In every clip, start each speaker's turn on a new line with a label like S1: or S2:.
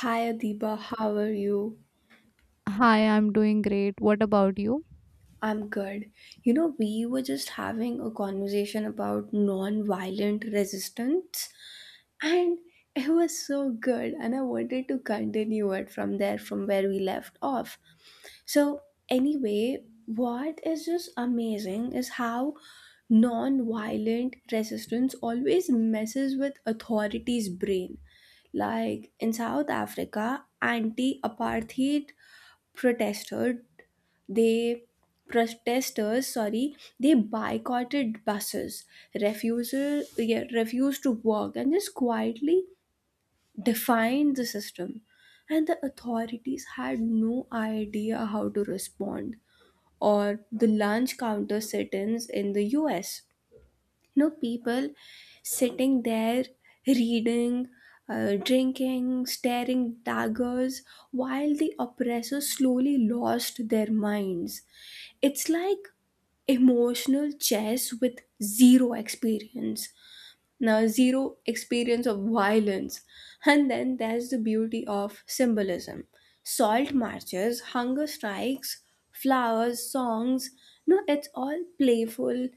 S1: Hi Adiba, how are you?
S2: Hi, I'm doing great. What about you?
S1: I'm good. You know, we were just having a conversation about non-violent resistance, and it was so good, and I wanted to continue it from there, from where we left off. So, anyway, what is just amazing is how non-violent resistance always messes with authority's brain. Like in South Africa, anti apartheid protesters they protesters sorry they boycotted buses refusal yeah, refused to work and just quietly defied the system, and the authorities had no idea how to respond. Or the lunch counter sit-ins in the US. No, people sitting there reading, drinking, staring daggers while the oppressors slowly lost their minds. It's like emotional chess with zero experience. Zero experience of violence. And then there's the beauty of symbolism: salt marches, hunger strikes, flowers, songs. No, it's all playful,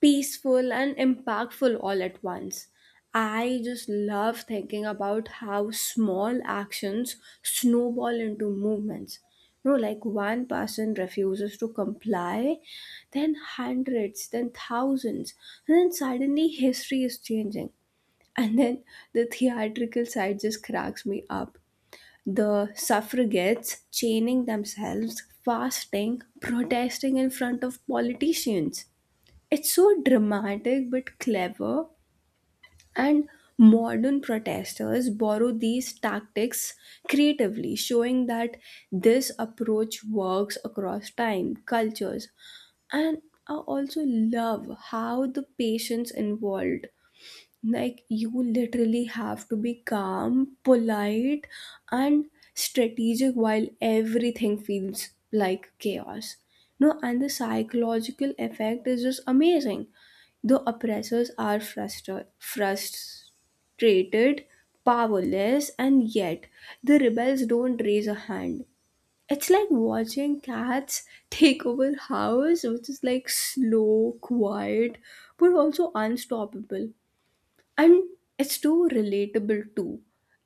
S1: peaceful, and impactful all at once. I just love thinking about how small actions snowball into movements. You know, like one person refuses to comply, then hundreds, then thousands, and then suddenly history is changing. And then the theatrical side just cracks me up. The suffragettes chaining themselves, fasting, protesting in front of politicians, it's so dramatic but clever, and modern protesters borrow these tactics creatively, showing that this approach works across time, cultures, and I also love how the patients involved. Like, you literally have to be calm, polite, and strategic while everything feels like chaos. No, and the psychological effect is just amazing. The oppressors are frustrated, powerless, and yet the rebels don't raise a hand. It's like watching cats take over house, which is like slow, quiet, but also unstoppable, and it's too relatable too.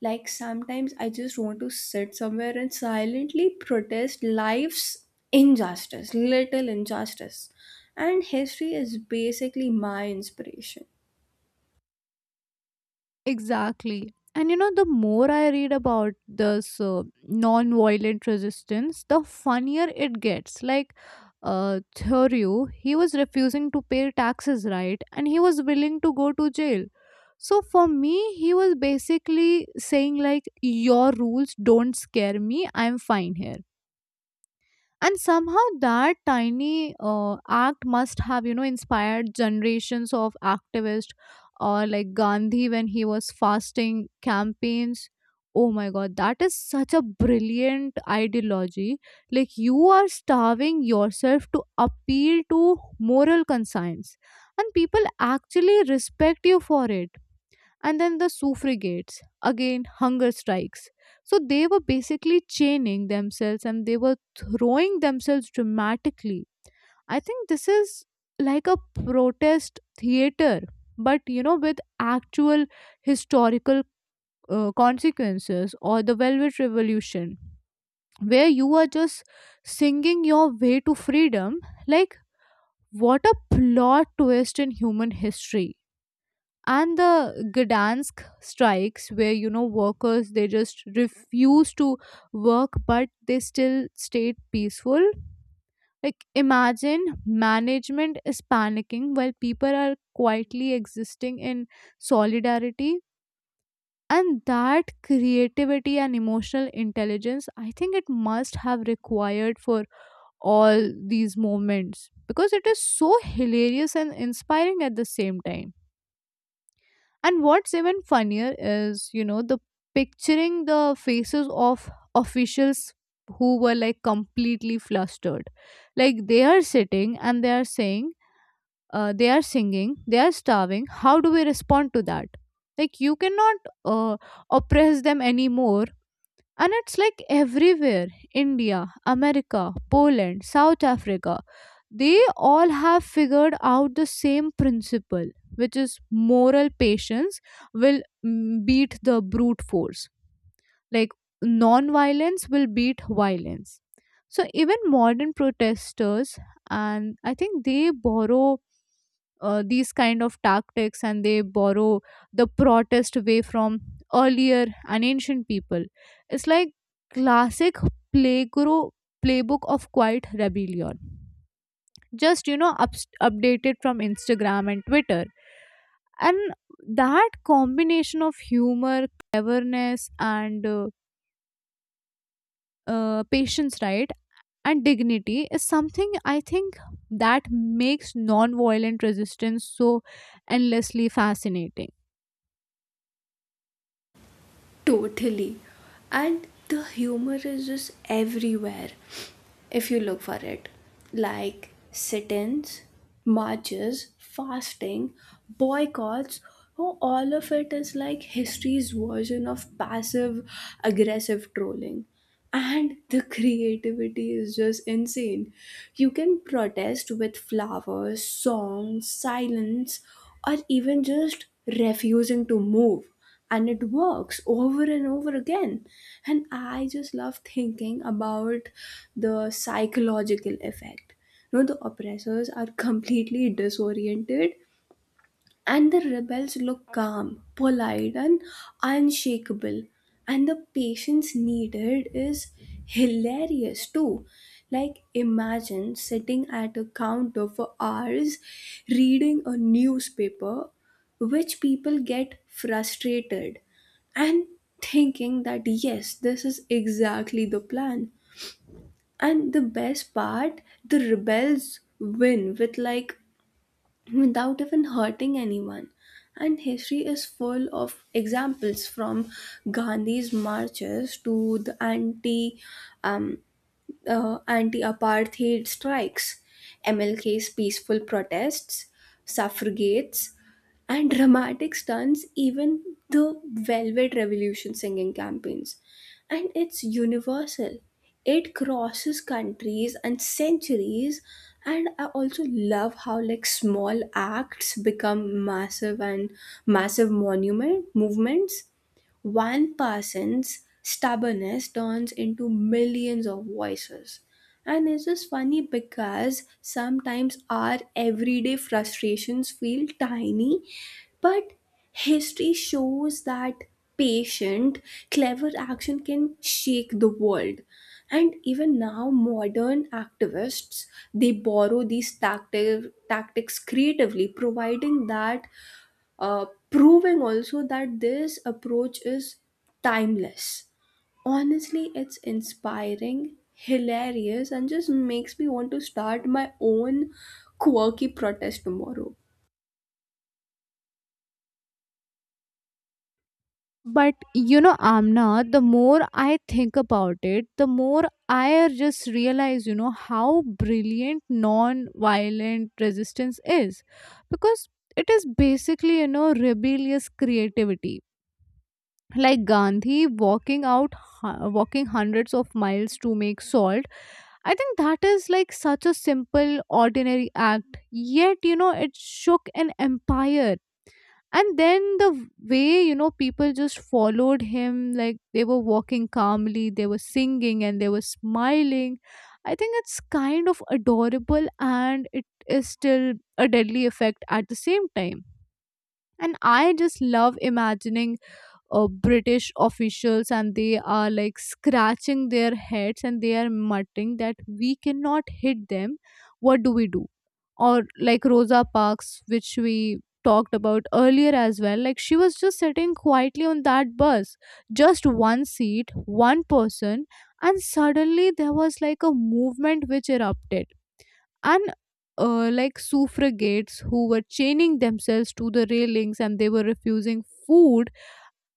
S1: Like sometimes I just want to sit somewhere and silently protest life's injustice little injustice, and history is basically my inspiration.
S2: Exactly. And you know, the more I read about this non violent resistance, the funnier it gets. Like, Thoreau, he was refusing to pay taxes, right? And he was willing to go to jail. So for me, he was basically saying, like, your rules don't scare me, I'm fine here, and somehow that tiny act must have, you know, inspired generations of activists, or like Gandhi when he was fasting campaigns. Oh my god, that is such a brilliant ideology. Like, you are starving yourself to appeal to moral conscience and people actually respect you for it. And then the suffragettes, again, hunger strikes. So they were basically chaining themselves and they were throwing themselves dramatically. I think this is like a protest theater, but you know, with actual historical consequences. Or the Velvet Revolution, where you are just singing your way to freedom. Like, what a plot twist in human history. And the Gdansk strikes, where you know, workers, they just refuse to work but they still stayed peaceful. Like, imagine management is panicking while people are quietly existing in solidarity. And that creativity and emotional intelligence, I think it must have required for all these moments, because it is so hilarious and inspiring at the same time. And what's even funnier is, you know, the picturing the faces of officials who were like completely flustered. Like, they are sitting and they are saying, they are singing, they are starving. How do we respond to that? Like, you cannot uh, oppress them anymore. And it's like everywhere. India, America, Poland, South Africa, they all have figured out the same principle, which is moral patience will beat the brute force. Like, non-violence will beat violence. So even modern protesters, and I think they borrow these kind of tactics, and they borrow the protest way from earlier and ancient people. It's like classic playgro playbook of quiet rebellion, just, you know, updated from Instagram and Twitter. And that combination of humor, cleverness, and patience, right, and dignity is something I think that makes non-violent resistance so endlessly fascinating.
S1: Totally. And the humor is just everywhere if you look for it. Like sit ins, marches, fasting, boycotts. Oh, all of it is like history's version of passive aggressive trolling, and the creativity is just insane. You can protest with flowers, songs, silence, or even just refusing to move. And it works over and over again. And I just love thinking about the psychological effect. You know, the oppressors are completely disoriented and the rebels look calm, polite, and unshakable. And the patience needed is hilarious too. Like, imagine sitting at a counter for hours reading a newspaper, which people get frustrated and thinking that yes, this is exactly the plan. And the best part, the rebels win with, like, without even hurting anyone. And history is full of examples, from Gandhi's marches to the um, anti apartheid strikes, MLK's peaceful protests, suffragettes, and dramatic stunts, even the Velvet Revolution singing campaigns. And it's universal. It crosses countries and centuries. And I also love how, like, small acts become massive and massive monument movements. One person's stubbornness turns into millions of voices. And it's just funny because sometimes our everyday frustrations feel tiny, but history shows that patient, clever action can shake the world. And even now, modern activists, they borrow these tactics creatively, providing that proving also that this approach is timeless. Honestly, it's inspiring, hilarious, and just makes me want to start my own quirky protest tomorrow.
S2: But you know, Amna, the more I think about it, the more I just realize, you know, how brilliant non-violent resistance is, because it is basically, you know, rebellious creativity. Like Gandhi walking out, walking hundreds of miles to make salt. I think that is like such a simple, ordinary act, yet, you know, it shook an empire. And then the way, you know, people just followed him, like they were walking calmly, they were singing, and they were smiling. I think it's kind of adorable and it is still a deadly effect at the same time. And I just love imagining British officials, and they are like scratching their heads and they are muttering that we cannot hit them. What do we do? Or like Rosa Parks, which we talked about earlier as well, like she was just sitting quietly on that bus, just one seat, one person, and suddenly there was like a movement which erupted. And like suffragettes who were chaining themselves to the railings and they were refusing food,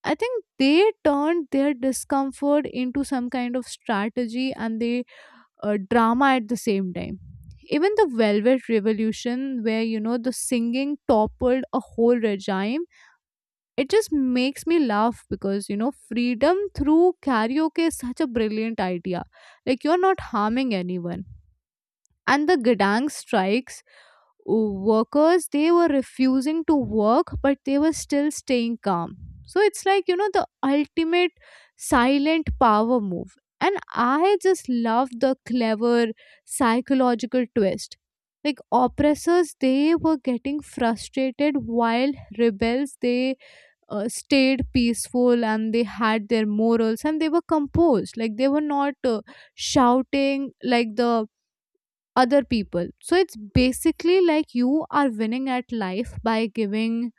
S2: I think they turned their discomfort into some kind of strategy and they, drama at the same time. Even the Velvet Revolution, where you know the singing toppled a whole regime, it just makes me laugh because, you know, freedom through karaoke is such a brilliant idea. Like, you're not harming anyone. And the Gdansk strikes, workers, they were refusing to work but they were still staying calm. So it's like, you know, the ultimate silent power move. And I just love the clever psychological twist. Like, oppressors, they were getting frustrated while rebels, they stayed peaceful, and they had their morals and they were composed. Like, they were not shouting like the other people. So it's basically like you are winning at life by giving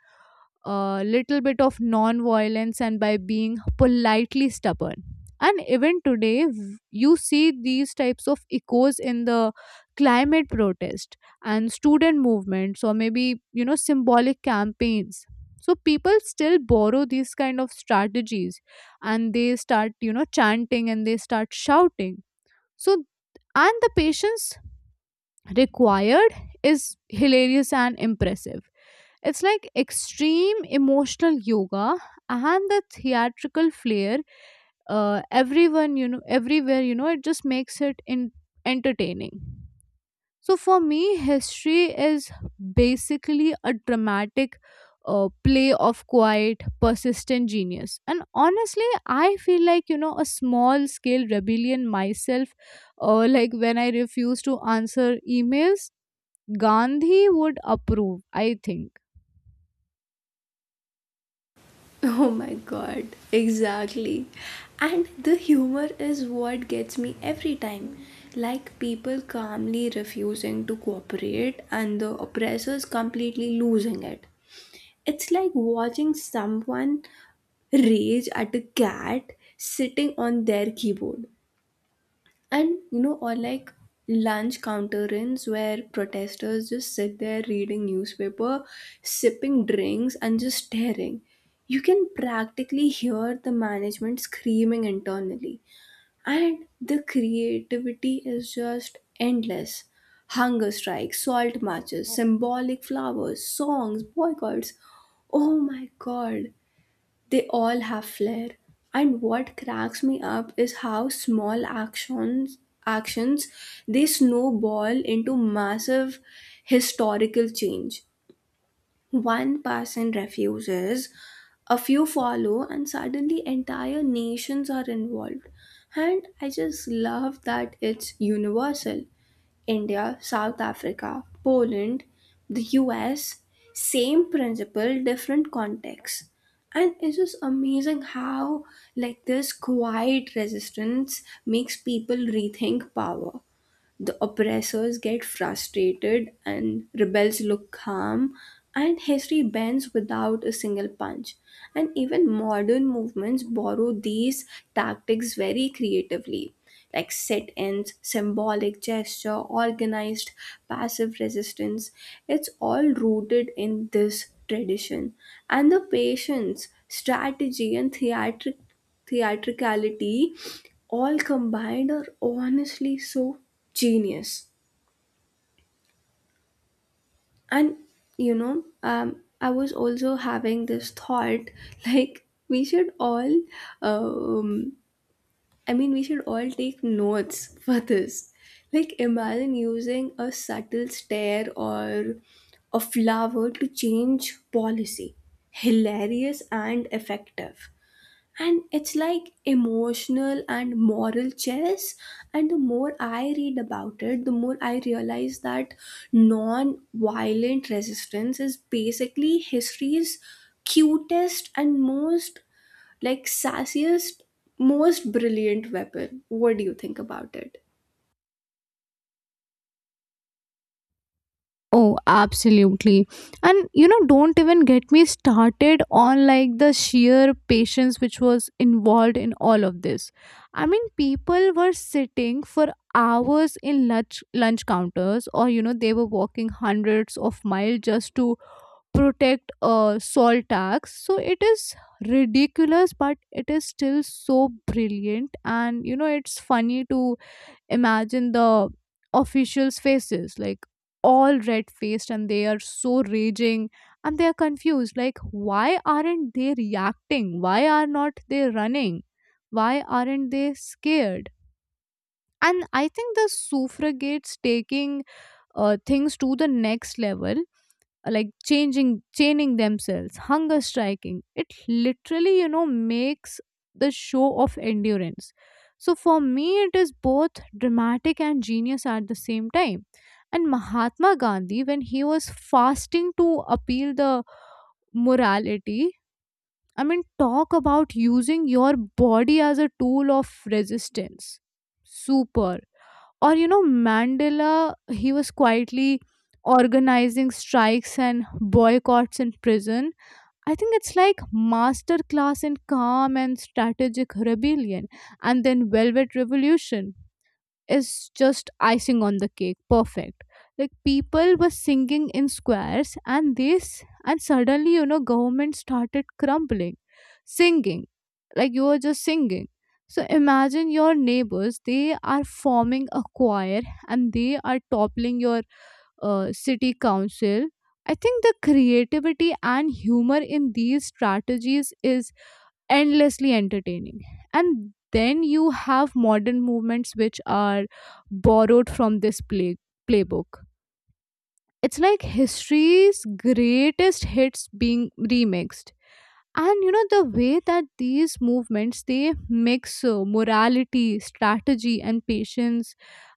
S2: a little bit of non violence and by being politely stubborn. And even today, you see these types of echoes in the climate protest and student movements, or maybe, you know, symbolic campaigns. So people still borrow these kind of strategies and they start, you know, chanting and they start shouting. So, and the patience required is hilarious and impressive. It's like extreme emotional yoga and the theatrical flair. Everyone, you know, everywhere, you know, it just makes it entertaining. So for me, history is basically a dramatic play of quiet, persistent genius. And honestly, I feel like, you know, a small scale rebellion myself, like when I refuse to answer emails, Gandhi would approve, I think.
S1: Oh my god, exactly. And the humor is what gets me every time. Like people calmly refusing to cooperate and the oppressors completely losing it. It's like watching someone rage at a cat sitting on their keyboard. And you know, or like lunch counter ins where protesters just sit there reading newspaper, sipping drinks, and just staring. You can practically hear the management screaming internally. And the creativity is just endless. Hunger strikes, salt marches, symbolic flowers, songs, boycotts. Oh my god, they all have flair. And what cracks me up is how small actions they snowball into massive historical change. One person refuses, a few follow, and suddenly entire nations are involved. And I just love that it's universal. India, South Africa, Poland, the US, same principle, different context. And it's just amazing how, like, this quiet resistance makes people rethink power. The oppressors get frustrated and rebels look calm, and history bends without a single punch. And even modern movements borrow these tactics very creatively, like sit ins, symbolic gesture, organized passive resistance. It's all rooted in this tradition. And the patience, strategy, and theatricality all combined are honestly so genius. And you know, I was also having this thought like, um, we should all take notes for this. Like, imagine using a subtle stare or a flower to change policy. Hilarious and effective. And it's like emotional and moral chess. And the more I read about it, the more I realize that non violent resistance is basically history's cutest and most, like, sassiest, most brilliant weapon. What do you think about it?
S2: Oh, absolutely. And you know, don't even get me started on like the sheer patience which was involved in all of this. I mean, people were sitting for hours in lunch counters, or you know, they were walking hundreds of miles just to protect a salt tax. So it is ridiculous, but it is still so brilliant. And you know, it's funny to imagine the officials faces, like all red faced, and they are so raging and they are confused. Like, why aren't they reacting? Why are not they running? Why aren't they scared? And I think the suffragettes taking things to the next level, like changing chaining themselves, hunger striking, it literally, you know, makes the show of endurance. So for me, it is both dramatic and genius at the same time. And Mahatma Gandhi, when he was fasting to appeal the morality, I mean, talk about using your body as a tool of resistance. Super. Or, you know, Mandela, he was quietly organizing strikes and boycotts in prison. I think it's like masterclass in calm and strategic rebellion. And then Velvet Revolution is just icing on the cake, perfect. Like, people were singing in squares, and this, and suddenly, you know, government started crumbling. Singing. Like, you were just singing. So imagine your neighbors, they are forming a choir and they are toppling your city council. I think the creativity and humor in these strategies is endlessly entertaining. And then you have modern movements which are borrowed from this playbook. It's like history's greatest hits being remixed. And you know, the way that these movements, they mix morality, strategy, and patience,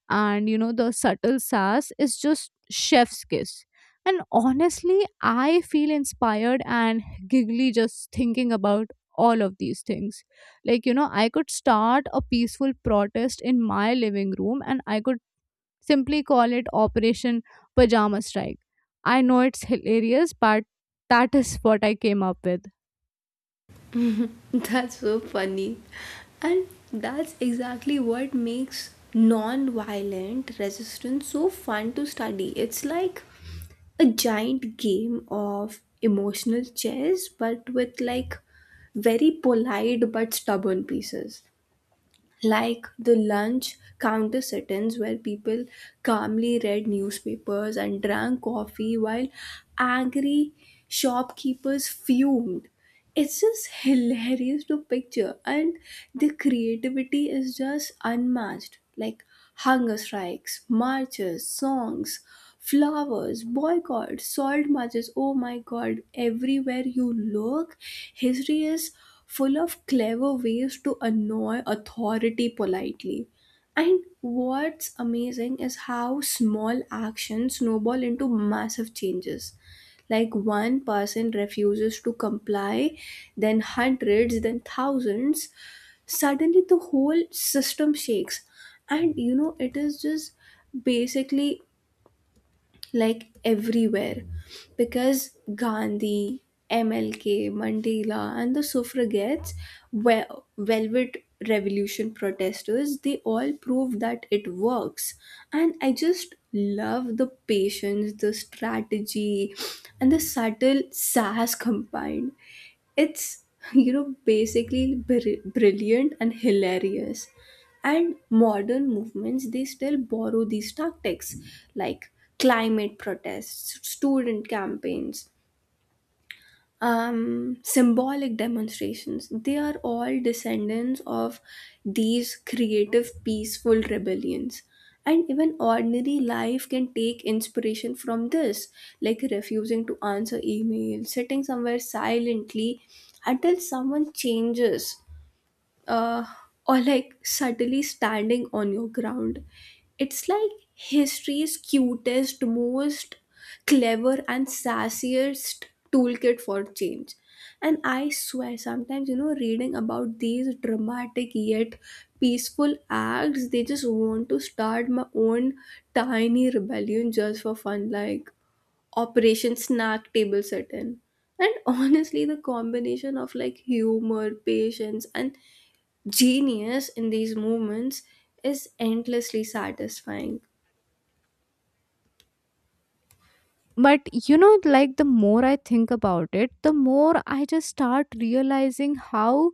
S2: and you know, the subtle sass is just chef's kiss. And honestly, I feel inspired and giggly just thinking about all of these things. Like, you know, I could start a peaceful protest in my living room, and I could simply call it Operation Pajama Strike. I know it's hilarious, but that is what I came up with.
S1: That's so funny. And that's exactly what makes non-violent resistance so fun to study. It's like a giant game of emotional chess, but with, like, very polite but stubborn pieces. Like the lunch counter sit-ins where people calmly read newspapers and drank coffee while angry shopkeepers fumed, it's just hilarious to picture. And the creativity is just unmatched. Like hunger strikes, marches, songs, flowers, boycotts, salt marches, oh my god, everywhere you look history is full of clever ways to annoy authority politely. And what's amazing is how small actions snowball into massive changes. Like one person refuses to comply, then hundreds, then thousands. Suddenly the whole system shakes. And you know, it is just basically like everywhere, because Gandhi, MLK, Mandela, and the suffragettes were velvet revolution protesters. They all proved that it works, and I just love the patience, the strategy, and the subtle sass combined. It's, you know, basically brilliant and hilarious. And modern movements, they still borrow these tactics, like climate protests, student campaigns, symbolic demonstrations. They are all descendants of these creative, peaceful rebellions. And even ordinary life can take inspiration from this, like refusing to answer emails, sitting somewhere silently until someone changes, uh, or like subtly standing on your ground. It's like history's cutest, most clever, and sassiest toolkit for change. And I swear, sometimes, you know, reading about these dramatic yet peaceful acts, they just want to start my own tiny rebellion just for fun, like Operation Snack Table Sit In. And honestly, the combination of, like, humor, patience, and genius in these movements is endlessly satisfying.
S2: But you know, like the more I think about it, the more I just start realizing how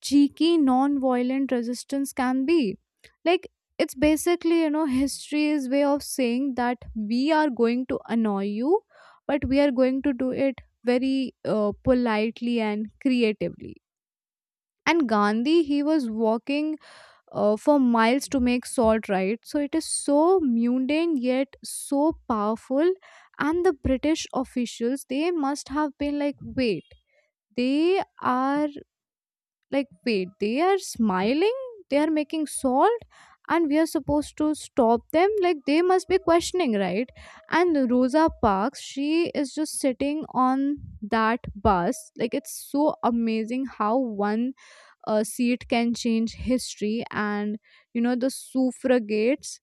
S2: cheeky non-violent resistance can be. Like, it's basically, you know, history's way of saying that we are going to annoy you, but we are going to do it very politely and creatively. And Gandhi, he was walking for miles to make salt, right? So it is so mundane yet so powerful. And the British officials, they must have been like, wait, they are, like, wait, they are smiling, they are making salt, and we are supposed to stop them. Like, they must be questioning, right? And Rosa Parks, she is just sitting on that bus. Like, it's so amazing how one seat can change history. And you know, the suffragettes,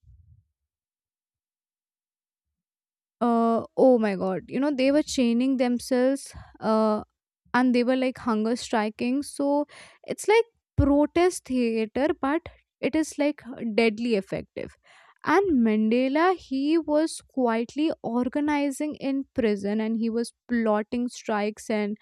S2: oh my god, you know, they were chaining themselves, uh, and they were like hunger striking. So it's like protest theater, but it is like deadly effective. And Mandela, he was quietly organizing in prison, and he was plotting strikes and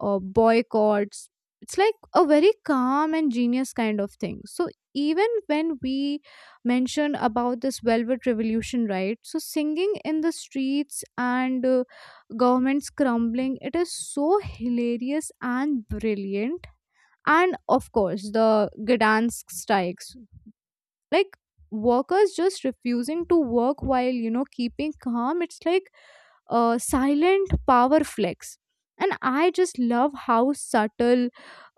S2: boycotts. It's like a very calm and genius kind of thing. So even when we mention about this Velvet Revolution, right? So singing in the streets and governments crumbling, it is so hilarious and brilliant. And of course, the Gdansk strikes, like workers just refusing to work while, you know, keeping calm, it's like a silent power flex. And I just love how subtle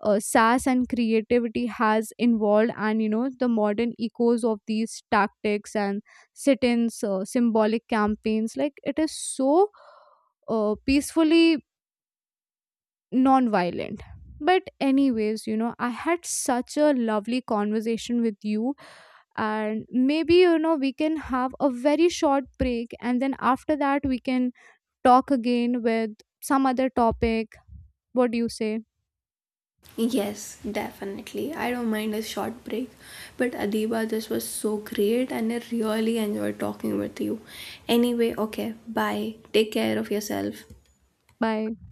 S2: sas and creativity has involved. And you know, the modern echoes of these tactics, and sit-ins, symbolic campaigns, like it is so peacefully non-violent. But anyways, you know, I had such a lovely conversation with you, and maybe, you know, we can have a very short break, and then after that we can talk again with some other topic. What do you say?
S1: Yes, definitely. I don't mind a short break. But Adiba, this was so great and I really enjoyed talking with you. Anyway, okay, bye. Take care of yourself.
S2: Bye.